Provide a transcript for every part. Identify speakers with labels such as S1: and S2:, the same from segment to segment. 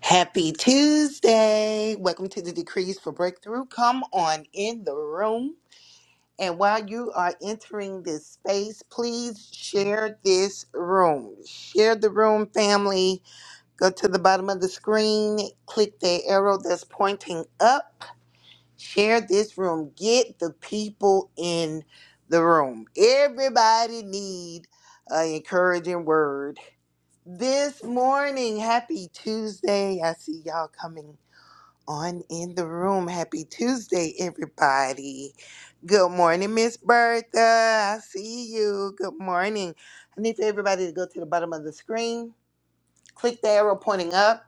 S1: Happy Tuesday. Welcome to the Decrees for Breakthrough. Come on in the room. And while you are entering this space, please share this room. Share the room, family. Go to the bottom of the screen, click the arrow that's pointing up. Share this room. Get the people in the room. Everybody need an encouraging word. This morning, happy Tuesday. I see y'all coming on in the room. Happy Tuesday, everybody. Good morning, Miss Bertha. I see you. Good morning. I need for everybody to go to the bottom of the screen, click the arrow pointing up,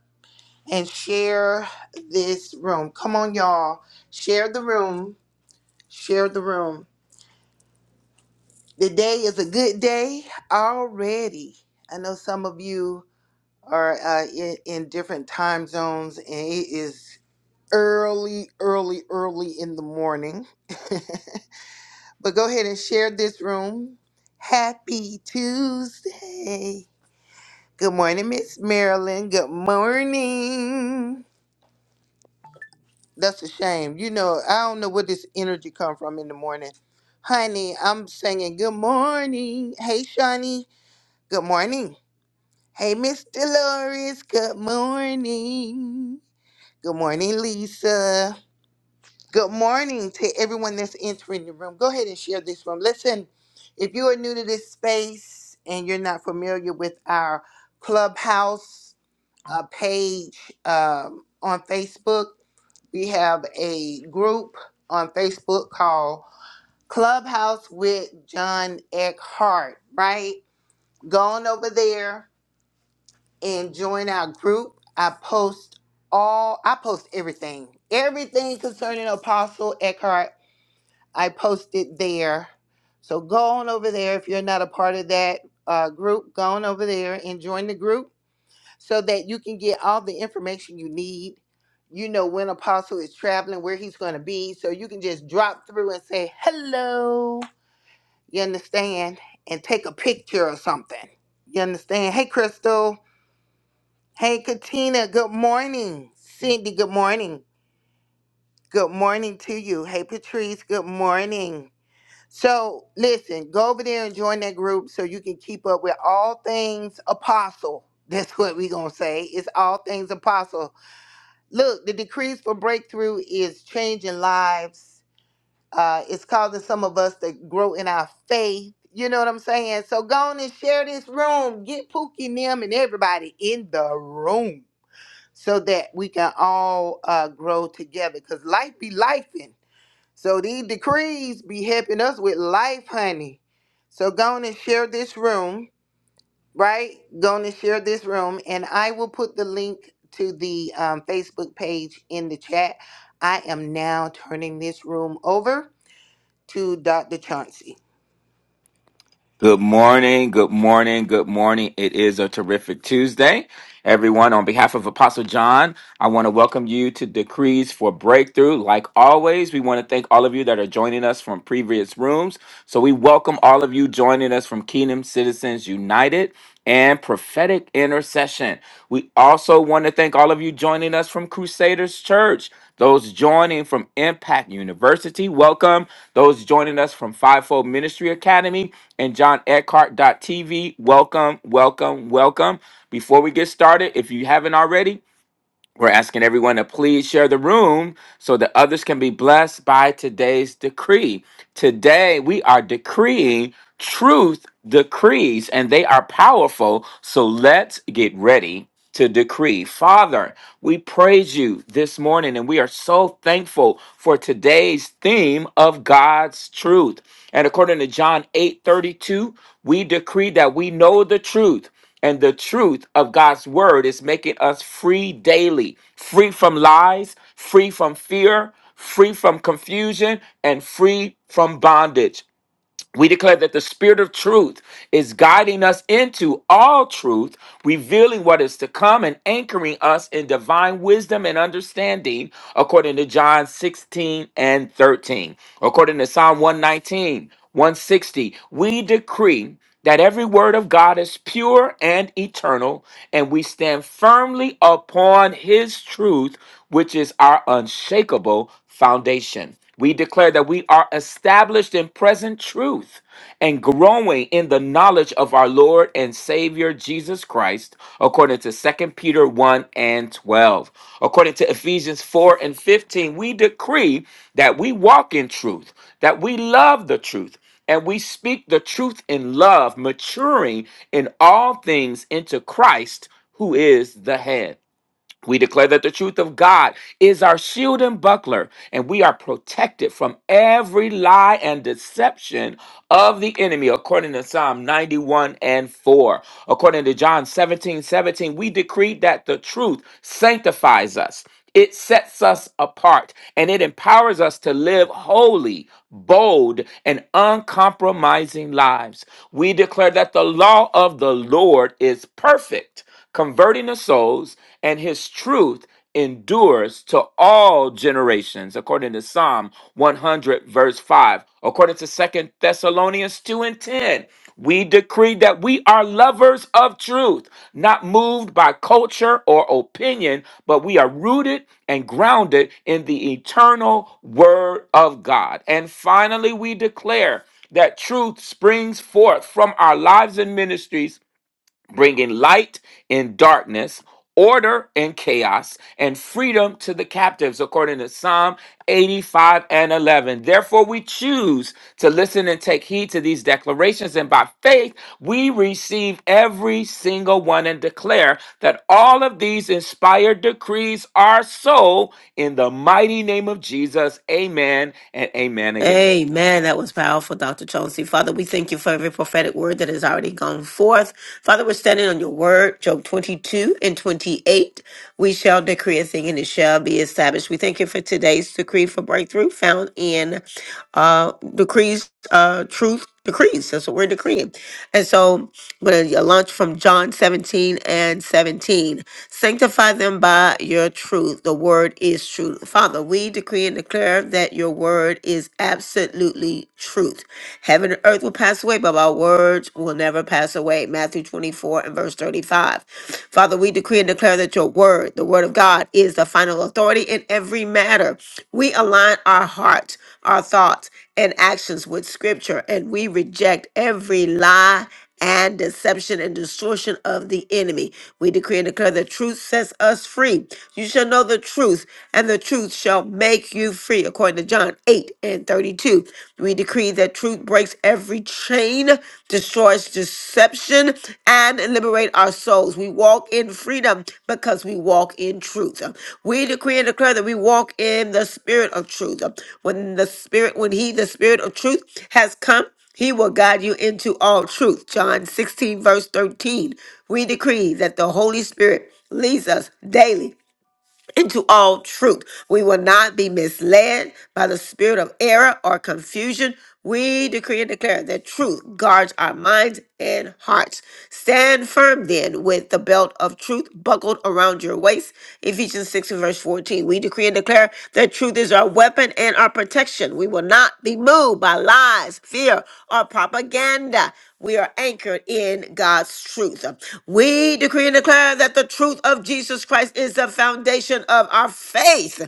S1: and share this room. Come on, y'all. Share the room. Share the room. The day is a good day already. I know some of you are uh, in, in different time zones, and it is. early, early, early in the morning. but go ahead and share this room. Happy Tuesday. Good morning, Miss Marilyn. Good morning. That's a shame. You know, I don't know where this energy come from in the morning. Honey, I'm singing good morning. Hey, Shawnee. Good morning. Hey, Miss Dolores. Good morning. Good morning, Lisa. Good morning to everyone that's entering the room. Go ahead and share this room. Listen, if you are new to this space and you're not familiar with our clubhouse uh, page um, on Facebook, we have a group on Facebook called Clubhouse with John Eckhart, right? Go on over there and join our group. I post all, I post everything, everything concerning Apostle Eckhart I posted there. So go on over there if you're not a part of that uh, group. Go on over there and join the group so that you can get all the information you need. You know when Apostle is traveling, where he's going to be. So you can just drop through and say hello. You understand? And take a picture or something. You understand? Hey, Crystal. Hey, Katina. Good morning. Cindy, good morning. Good morning to you. Hey, Patrice. Good morning. So listen, go over there and join that group so you can keep up with all things apostle. That's what we're gonna say. It's all things apostle. Look, the decrees for breakthrough is changing lives. Uh, it's causing some of us to grow in our faith. You know what I'm saying? So go on and share this room. Get Pookie Nim and everybody in the room so that we can all uh, grow together. Cause life be life. So these decrees be helping us with life, honey. So go on and share this room, right? Go on and share this room, and I will put the link to the um, Facebook page in the chat. I am now turning this room over to Dr. Chauncey.
S2: Good morning, good morning, good morning. It is a terrific Tuesday. Everyone, on behalf of Apostle John, I want to welcome you to Decrees for Breakthrough. Like always, we want to thank all of you that are joining us from previous rooms. So we welcome all of you joining us from Kingdom Citizens United and Prophetic Intercession. We also want to thank all of you joining us from Crusaders Church. Those joining from Impact University, welcome. Those joining us from Fivefold Ministry Academy, and John Eckhart TV. Welcome, welcome, welcome. Before we get started, if you haven't already, we're asking everyone to please share the room so that others can be blessed by today's decree. Today, we are decreeing truth decrees, and they are powerful. So let's get ready to decree. Father, we praise you this morning, and we are so thankful for today's theme of God's truth. And according to John eight thirty two. We decree that we know the truth, and the truth of God's word is making us free daily, free from lies, free from fear, free from confusion, and free from bondage. We declare that the Spirit of truth is guiding us into all truth, revealing what is to come and anchoring us in divine wisdom and understanding, according to John 16 and 13. According to Psalm one nineteen one sixty. we decree that every word of God is pure and eternal, and we stand firmly upon his truth, which is our unshakable foundation. We declare that we are established in present truth and growing in the knowledge of our Lord and Savior Jesus Christ, according to Second Peter 1 and 12. According to Ephesians 4 and 15, we decree that we walk in truth, that we love the truth, and we speak the truth in love, maturing in all things into Christ, who is the head. We declare that the truth of God is our shield and buckler, and we are protected from every lie and deception of the enemy, according to Psalm 91 and 4. According to John 17 17, we decree that the truth sanctifies us. It sets us apart and it empowers us to live holy, bold, and uncompromising lives. We declare that the law of the Lord is perfect converting the souls, and his truth endures to all generations, according to Psalm 100, verse 5. According to Second Thessalonians 2 and 10, we decree that we are lovers of truth, not moved by culture or opinion, but we are rooted and grounded in the eternal word of God. And finally, we declare that truth springs forth from our lives and ministries bringing light in darkness, order in chaos, and freedom to the captives, according to Psalm 85 and 11. Therefore, we choose to listen and take heed to these declarations, and by faith, we receive every single one and declare that all of these inspired decrees are so in the mighty name of Jesus. Amen and amen again.
S3: Amen. That was powerful, Dr. Chauncey. Father, we thank you for every prophetic word that has already gone forth. Father, we're standing on your word, Job 22 and 28. We shall decree a thing and it shall be established. We thank you for today's decree for breakthrough found in uh decrees, uh truth decrees. That's what we're decreeing. And so I'm going to launch from John 17 and 17. Sanctify them by your truth. The word is truth. Father, we decree and declare that your word is absolutely truth. Heaven and earth will pass away, but our words will never never pass away. Matthew 24 and verse 35. Father, we decree and declare that your word, the word of God, is the final authority in every matter. We align our hearts, our thoughts, and actions with scripture, and we reject every lie and deception and distortion of the enemy. We decree and declare the truth sets us free. You shall know the truth, and the truth shall make you free, according to John 8 and 32. We decree that truth breaks every chain, destroys deception, and liberate our souls. We walk in freedom because we walk in truth. We decree and declare that we walk in the spirit of truth. When the spirit, when he, the spirit of truth, has come, he will guide you into all truth. John 16, verse 13. We decree that the Holy Spirit leads us daily into all truth. We will not be misled by the spirit of error or confusion. We decree and declare that truth guards our minds and hearts. Stand firm then with the belt of truth buckled around your waist. Ephesians 6 and verse 14. We decree and declare that truth is our weapon and our protection. We will not be moved by lies, fear, or propaganda. We are anchored in God's truth. We decree and declare that the truth of Jesus Christ is the foundation of our faith.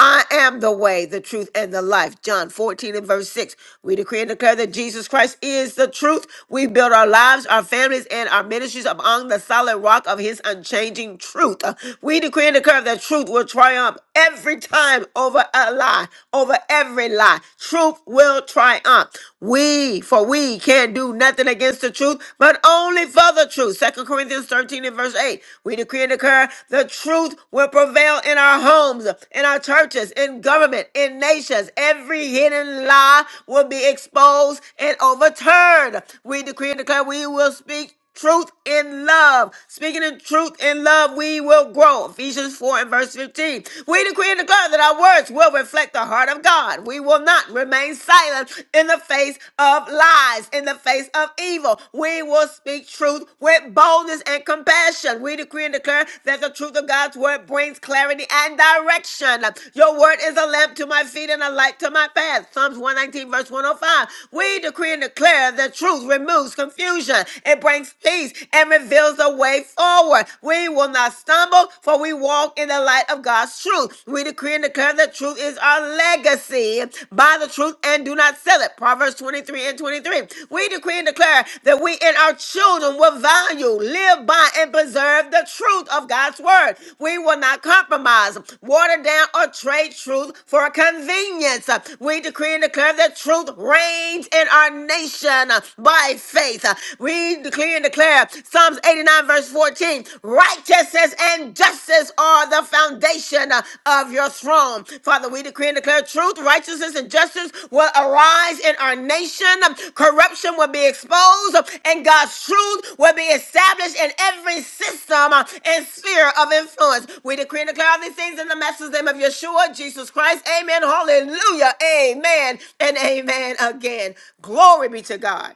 S3: I am the way, the truth, and the life. John 14 and verse 6. We decree and declare that Jesus Christ is the truth. We build our lives, our families, and our ministries upon the solid rock of his unchanging truth. We decree and declare that truth will triumph every time over a lie, over every lie. Truth will triumph. We, for we we can't do nothing against the truth, but only for the truth. Second Corinthians 13 and verse 8. We decree and declare the truth will prevail in our homes, in our churches, in government, in nations. Every hidden lie will be exposed and overturned. We decree and declare we will speak truth in love. Speaking in truth in love, we will grow. Ephesians 4 and verse 15. We decree and declare that our words will reflect the heart of God. We will not remain silent in the face of lies, in the face of evil. We will speak truth with boldness and compassion. We decree and declare that the truth of God's word brings clarity and direction. Your word is a lamp to my feet and a light to my path. Psalms 119 verse 105. We decree and declare that truth removes confusion confusion. It brings peace and reveals the way forward. We will not stumble, for we walk in the light of God's truth. We decree and declare that truth is our legacy. Buy the truth and do not sell it. Proverbs 23 and 23. We decree and declare that we and our children will value, live by, and preserve the truth of God's word. We will not compromise, water down, or trade truth for convenience. We decree and declare that truth reigns in our nation done uh, by faith. Uh, We declare and declare Psalms 89, verse 14 righteousness and justice are the foundation uh, of your throne. Father, we decree and declare truth, righteousness, and justice will arise in our nation. Um, Corruption will be exposed, um, and God's truth will be established in every system uh, and sphere of influence. We decree and declare all these things in the master's name of Yeshua, Jesus Christ. Amen. Hallelujah. Amen. And amen again. Glory be to God.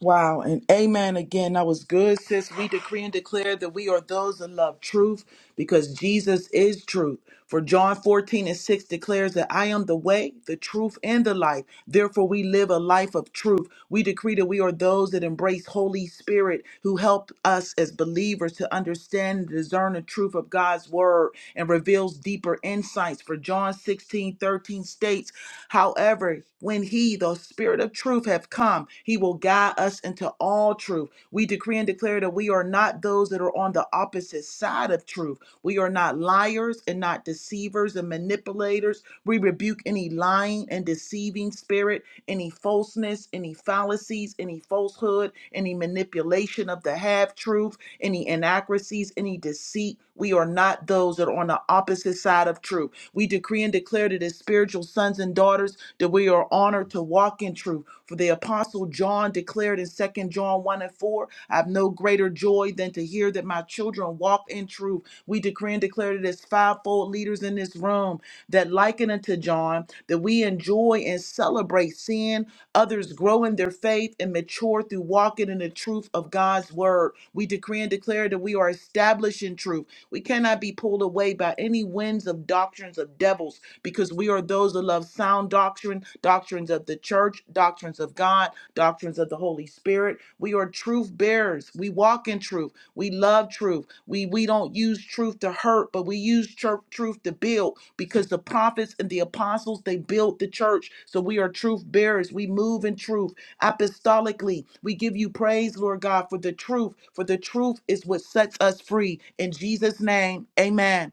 S4: Wow, and amen again. That was good, sis. We decree and declare that we are those that love truth because Jesus is truth. For John 14 and 6 declares that I am the way, the truth, and the life. Therefore, we live a life of truth. We decree that we are those that embrace Holy Spirit who help us as believers to understand and discern the truth of God's word and reveals deeper insights. For John sixteen thirteen 13 states, However, when he, the spirit of truth, have come, he will guide us into all truth. We decree and declare that we are not those that are on the opposite side of truth. We are not liars and not deceivers and manipulators. We rebuke any lying and deceiving spirit, any falseness, any fallacies, any falsehood, any manipulation of the half truth, any inaccuracies, any deceit. We are not those that are on the opposite side of truth. We decree and declare that as spiritual sons and daughters that we are honored to walk in truth. For the apostle John declared in Second John 1 and 4, I have no greater joy than to hear that my children walk in truth. We decree and declare that as fivefold leaders in this room that liken unto John, that we enjoy and celebrate seeing others grow in their faith and mature through walking in the truth of God's word. We decree and declare that we are established in truth we cannot be pulled away by any winds of doctrines of devils because we are those that love sound doctrine, doctrines of the church, doctrines of God, doctrines of the Holy Spirit. We are truth bearers. We walk in truth. We love truth. We we don't use truth to hurt, but we use tru- truth to build because the prophets and the apostles they built the church. So we are truth bearers. We move in truth apostolically. We give you praise, Lord God, for the truth, for the truth is what sets us free. In Jesus' name, amen.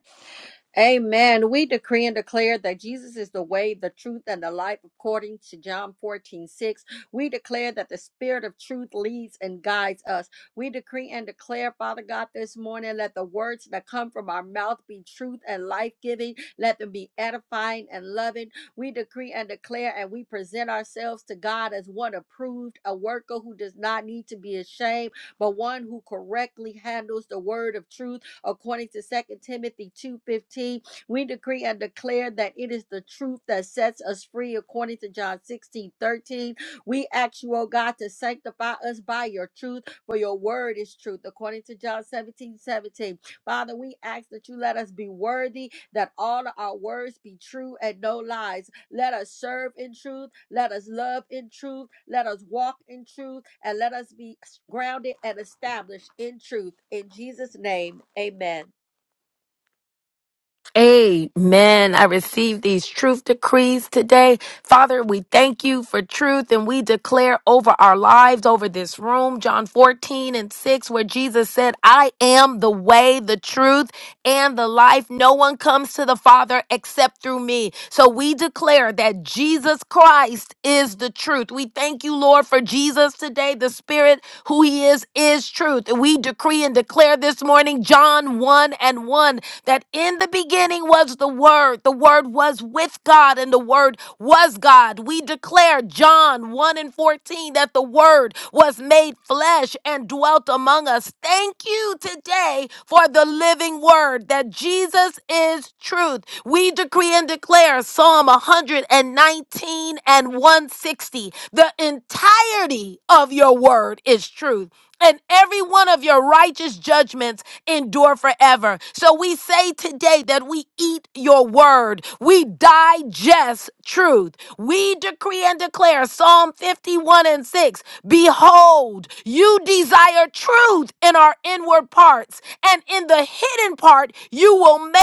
S5: Amen. We decree and declare that Jesus is the way, the truth, and the life according to John 14 6. We declare that the spirit of truth leads and guides us. We decree and declare, Father God, this morning, let the words that come from our mouth be truth and life giving. Let them be edifying and loving. We decree and declare, and we present ourselves to God as one approved, a worker who does not need to be ashamed, but one who correctly handles the word of truth according to Second Timothy 2:15. We decree and declare that it is the truth that sets us free according to John 16:13. We ask you, oh God, to sanctify us by your truth, for your word is truth according to John 17:17. Father, we ask that you let us be worthy, that all of our words be true and no lies. Let us serve in truth. Let us love in truth. Let us walk in truth. And let us be grounded and established in truth. In Jesus' name, amen.
S6: Amen. I receive these truth decrees today. Father, we thank you for truth and we declare over our lives, over this room, John 14 and 6, where Jesus said, I am the way, the truth, and the life. No one comes to the Father except through me. So we declare that Jesus Christ is the truth. We thank you, Lord, for Jesus today. The Spirit, who He is, is truth. We decree and declare this morning, John 1 and 1 that in the beginning was the Word, the Word was with God, and the Word was God. We declare John 1 and 14 that the Word was made flesh and dwelt among us. Thank you today for the living Word that Jesus is truth. We decree and declare Psalm 119 and 160. The entirety of your Word is truth and every one of your righteous judgments endure forever. So we say today that we eat your word, we digest truth. We decree and declare Psalm 51 and 6 Behold, you desire truth in our inward parts, and in the hidden part, you will make.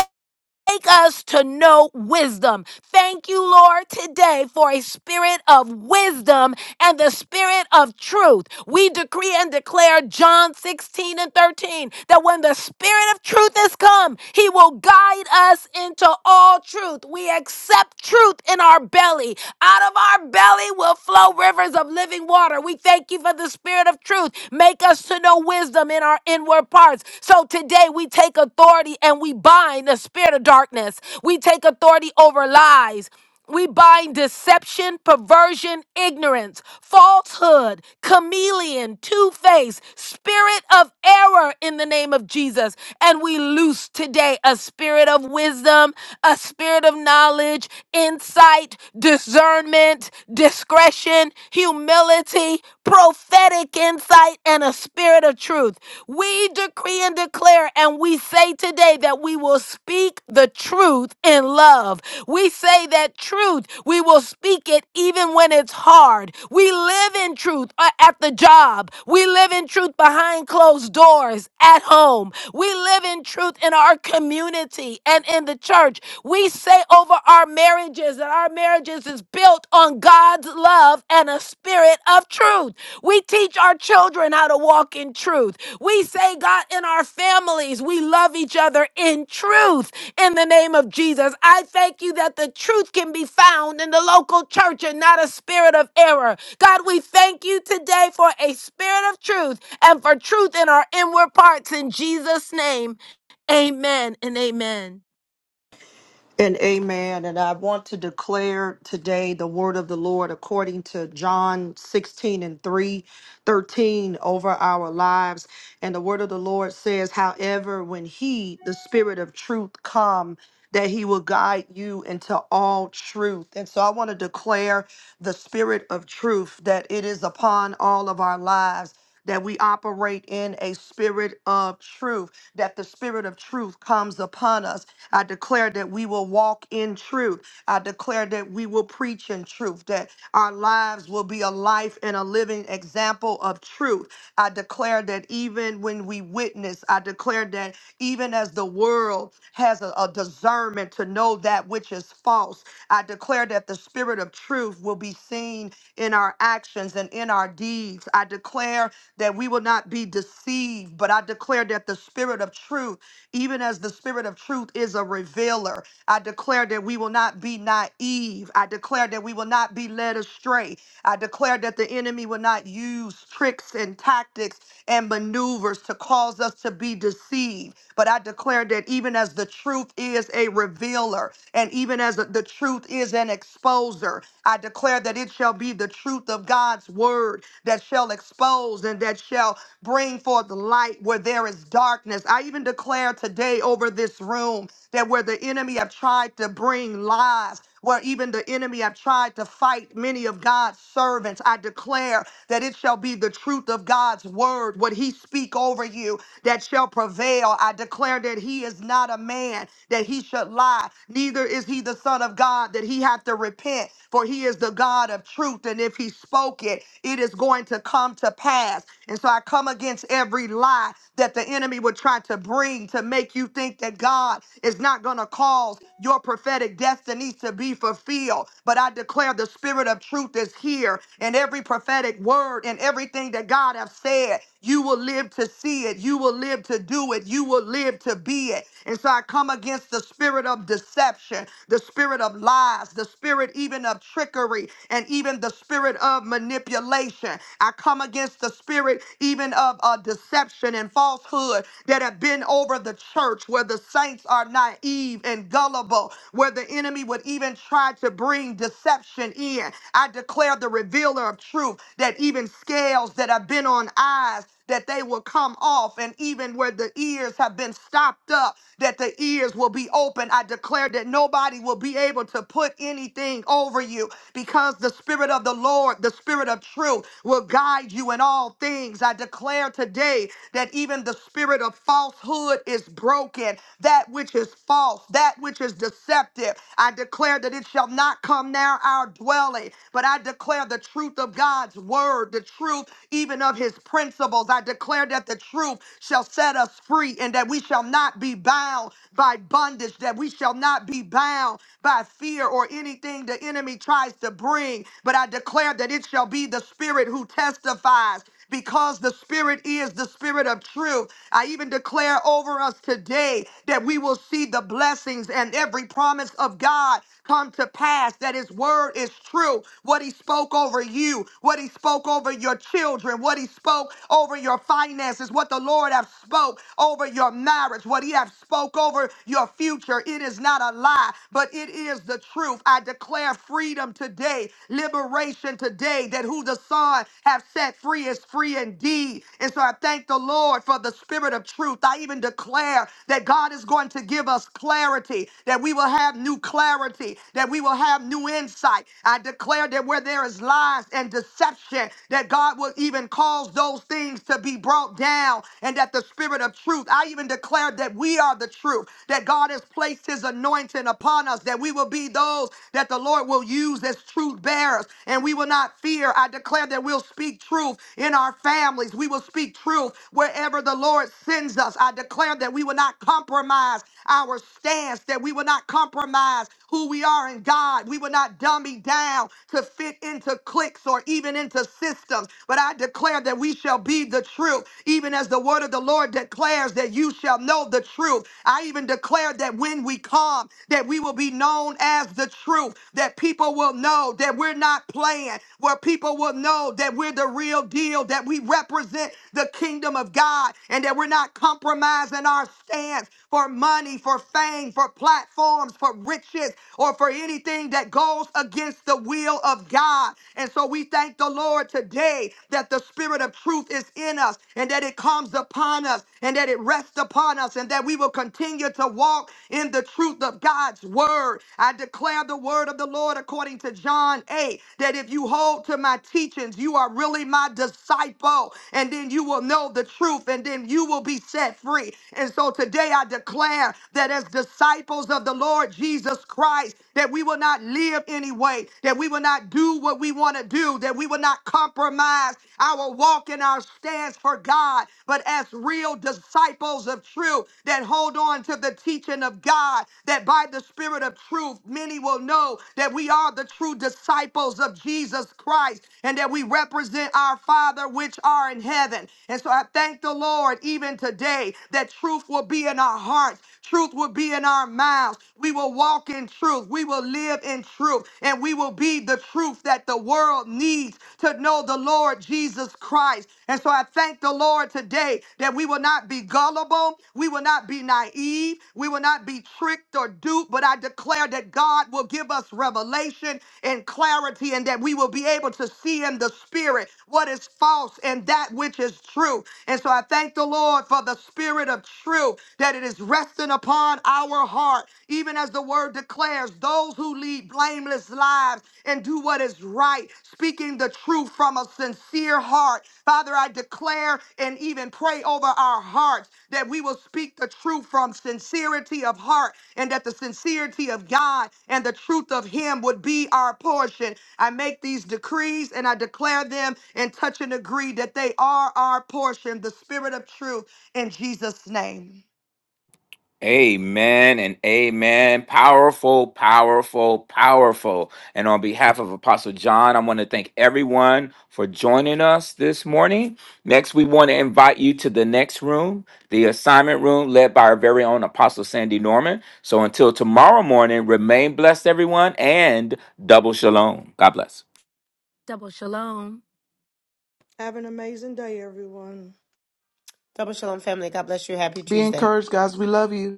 S6: Make us to know wisdom. Thank you, Lord, today for a spirit of wisdom and the spirit of truth. We decree and declare John 16 and 13 that when the spirit of truth has come, he will guide us into all truth. We accept truth in our belly. Out of our belly will flow rivers of living water. We thank you for the spirit of truth. Make us to know wisdom in our inward parts. So today we take authority and we bind the spirit of darkness. We take authority over lies. We bind deception, perversion, ignorance, falsehood, chameleon, two face, spirit of error in the name of Jesus. And we loose today a spirit of wisdom, a spirit of knowledge, insight, discernment, discretion, humility, prophetic insight, and a spirit of truth. We decree and declare, and we say today that we will speak the truth in love. We say that truth, we will speak it even when it's hard. We live in truth uh, at the job. We live in truth behind closed doors at home. We live in truth in our community and in the church. We say over our marriages and our marriages is built on God's love and a spirit of truth. We teach our children how to walk in truth. We say, God, in our families, we love each other in truth. In the name of Jesus, I thank you that the truth can be found in the local church and not a spirit of error. God, we thank you today for a spirit of truth and for truth in our inward parts. In Jesus' name, amen and amen.
S7: And amen. And I want to declare today the word of the Lord according to John 16 and 3, 13 over our lives. And the word of the Lord says, however, when he, the spirit of truth, come, that he will guide you into all truth. And so I want to declare the spirit of truth that it is upon all of our lives. That we operate in a spirit of truth, that the spirit of truth comes upon us I declare that we will walk in truth. I declare that we will preach in truth, that our lives will be a life and a living example of truth. I declare that even when we witness, I declare that even as the world has a, a discernment to know that which is false, I declare that the spirit of truth will be seen in our actions and in our deeds. I declare that we will not be deceived, but I declare that the spirit of truth even as the Spirit of truth is a revealer. I declare that we will not be naive. I declare that we will not be led astray. I declare that the enemy will not use tricks and tactics and maneuvers to cause us to be deceived. But I declare that even as the truth is a revealer, and even as the truth is an exposer, I declare that it shall be the truth of God's word that shall expose and that shall bring forth light where there is darkness. I even declare today over this room that where the enemy have tried to bring lies, where even the enemy have tried to fight many of God's servants. I declare that it shall be the truth of God's word, what he speak over you, that shall prevail. I declare that he is not a man that he should lie, neither is he the son of God that he hath to repent, for he is the God of truth. And if he spoke it, it is going to come to pass. And so I come against every lie that the enemy would try to bring to make you think that God is not going to cause your perfection prophetic destinies to be fulfilled. But I declare the spirit of truth is here, and every prophetic word and everything that God has said, you will live to see it, you will live to do it, you will live to be it. And so I come against the spirit of deception, the spirit of lies, the spirit even of trickery, and even the spirit of manipulation. I come against the spirit even of uh, deception and falsehood that have been over the church where the saints are naive naive and gullible, where the enemy would even try to bring deception in. I declare the revealer of truth that even scales that have been on eyes. That they will come off, and even where the ears have been stopped up, that the ears will be open. I declare that nobody will be able to put anything over you because the Spirit of the Lord, the Spirit of truth, will guide you in all things. I declare today that even the spirit of falsehood is broken That that which is false, that which is deceptive. I declare that it shall not come near our dwelling, but I declare the truth of God's word, the truth even of his principles. I declare that the truth shall set us free and that we shall not be bound by bondage, that we shall not be bound by fear or anything the enemy tries to bring. But I declare that it shall be the Spirit who testifies because the Spirit is the Spirit of truth. I even declare over us today that we will see the blessings and every promise of God come to pass, that His word is true. What He spoke over you, what He spoke over your children, what He spoke over your finances, what the Lord have spoke over your marriage, what He have spoke over your future. It is not a lie, but it is the truth. I declare freedom today, liberation today, that who the Son have set free is free indeed. And so I thank the Lord for the spirit of truth. I even declare that God is going to give us clarity, that we will have new clarity, that we will have new insight. I declare that where there is lies and deception, that God will even cause those things to be brought down, and that the spirit of truth, I even declare that we are the truth, that God has placed his anointing upon us, that we will be those that the Lord will use as truth bearers, and we will not fear. I declare that we'll speak truth in our families. We will speak truth wherever the Lord sends us. I declare that we will not compromise our stance, that we will not compromise who we are in God. We will not dummy down to fit into cliques or even into systems. But I declare that we shall be the truth, even as the word of the Lord declares that you shall know the truth. I even declare that when we come, that we will be known as the truth, that people will know that we're not playing, where people will know know that we're the real deal, that we represent the kingdom of God, and that we're not compromising our stance for money, for fame, for platforms, for riches, or for anything that goes against the will of God. And so we thank the Lord today that the spirit of truth is in us and that it comes upon us and that it rests upon us and that we will continue to walk in the truth of God's word. I declare the word of the Lord according to John 8 that if you hold to my my teachings. You are really my disciple. And then you will know the truth and then you will be set free. And so today I declare that as disciples of the Lord Jesus Christ, that we will not live anyway, that we will not do what we want to do, that we will not compromise our walk and our stance for God, but as real disciples of truth that hold on to the teaching of God, that by the Spirit of truth, many will know that we are the true disciples of Jesus Jesus Christ, and that we represent our Father which are in heaven. And so I thank the Lord even today that truth will be in our hearts, truth will be in our mouths. We will walk in truth, we will live in truth, and we will be the truth that the world needs to know the Lord Jesus Christ. And so I thank the Lord today that we will not be gullible, we will not be naive, we will not be tricked or duped, but I declare that God will give us revelation and clarity and that that we will be able to see in the spirit what is false and that which is true. And so I thank the Lord for the spirit of truth that it is resting upon our heart, even as the word declares those who lead blameless lives and do what is right, speaking the truth from a sincere heart. Father, I declare and even pray over our hearts that we will speak the truth from sincerity of heart and that the sincerity of God and the truth of Him would be our portion. I make these decrees and I declare them and touch and agree that they are our portion, the spirit of truth in Jesus' name.
S2: Amen and amen. Powerful, powerful, powerful. And on behalf of Apostle John, I want to thank everyone for joining us this morning. Next, we want to invite you to the next room, the assignment room led by our very own Apostle Sandy Norman. So until tomorrow morning, remain blessed, everyone, and double shalom. God bless.
S6: Double shalom.
S7: Have an amazing day, everyone.
S3: Double Shalom family. God bless you. Happy
S4: Be
S3: Tuesday.
S4: encouraged, guys. We love you.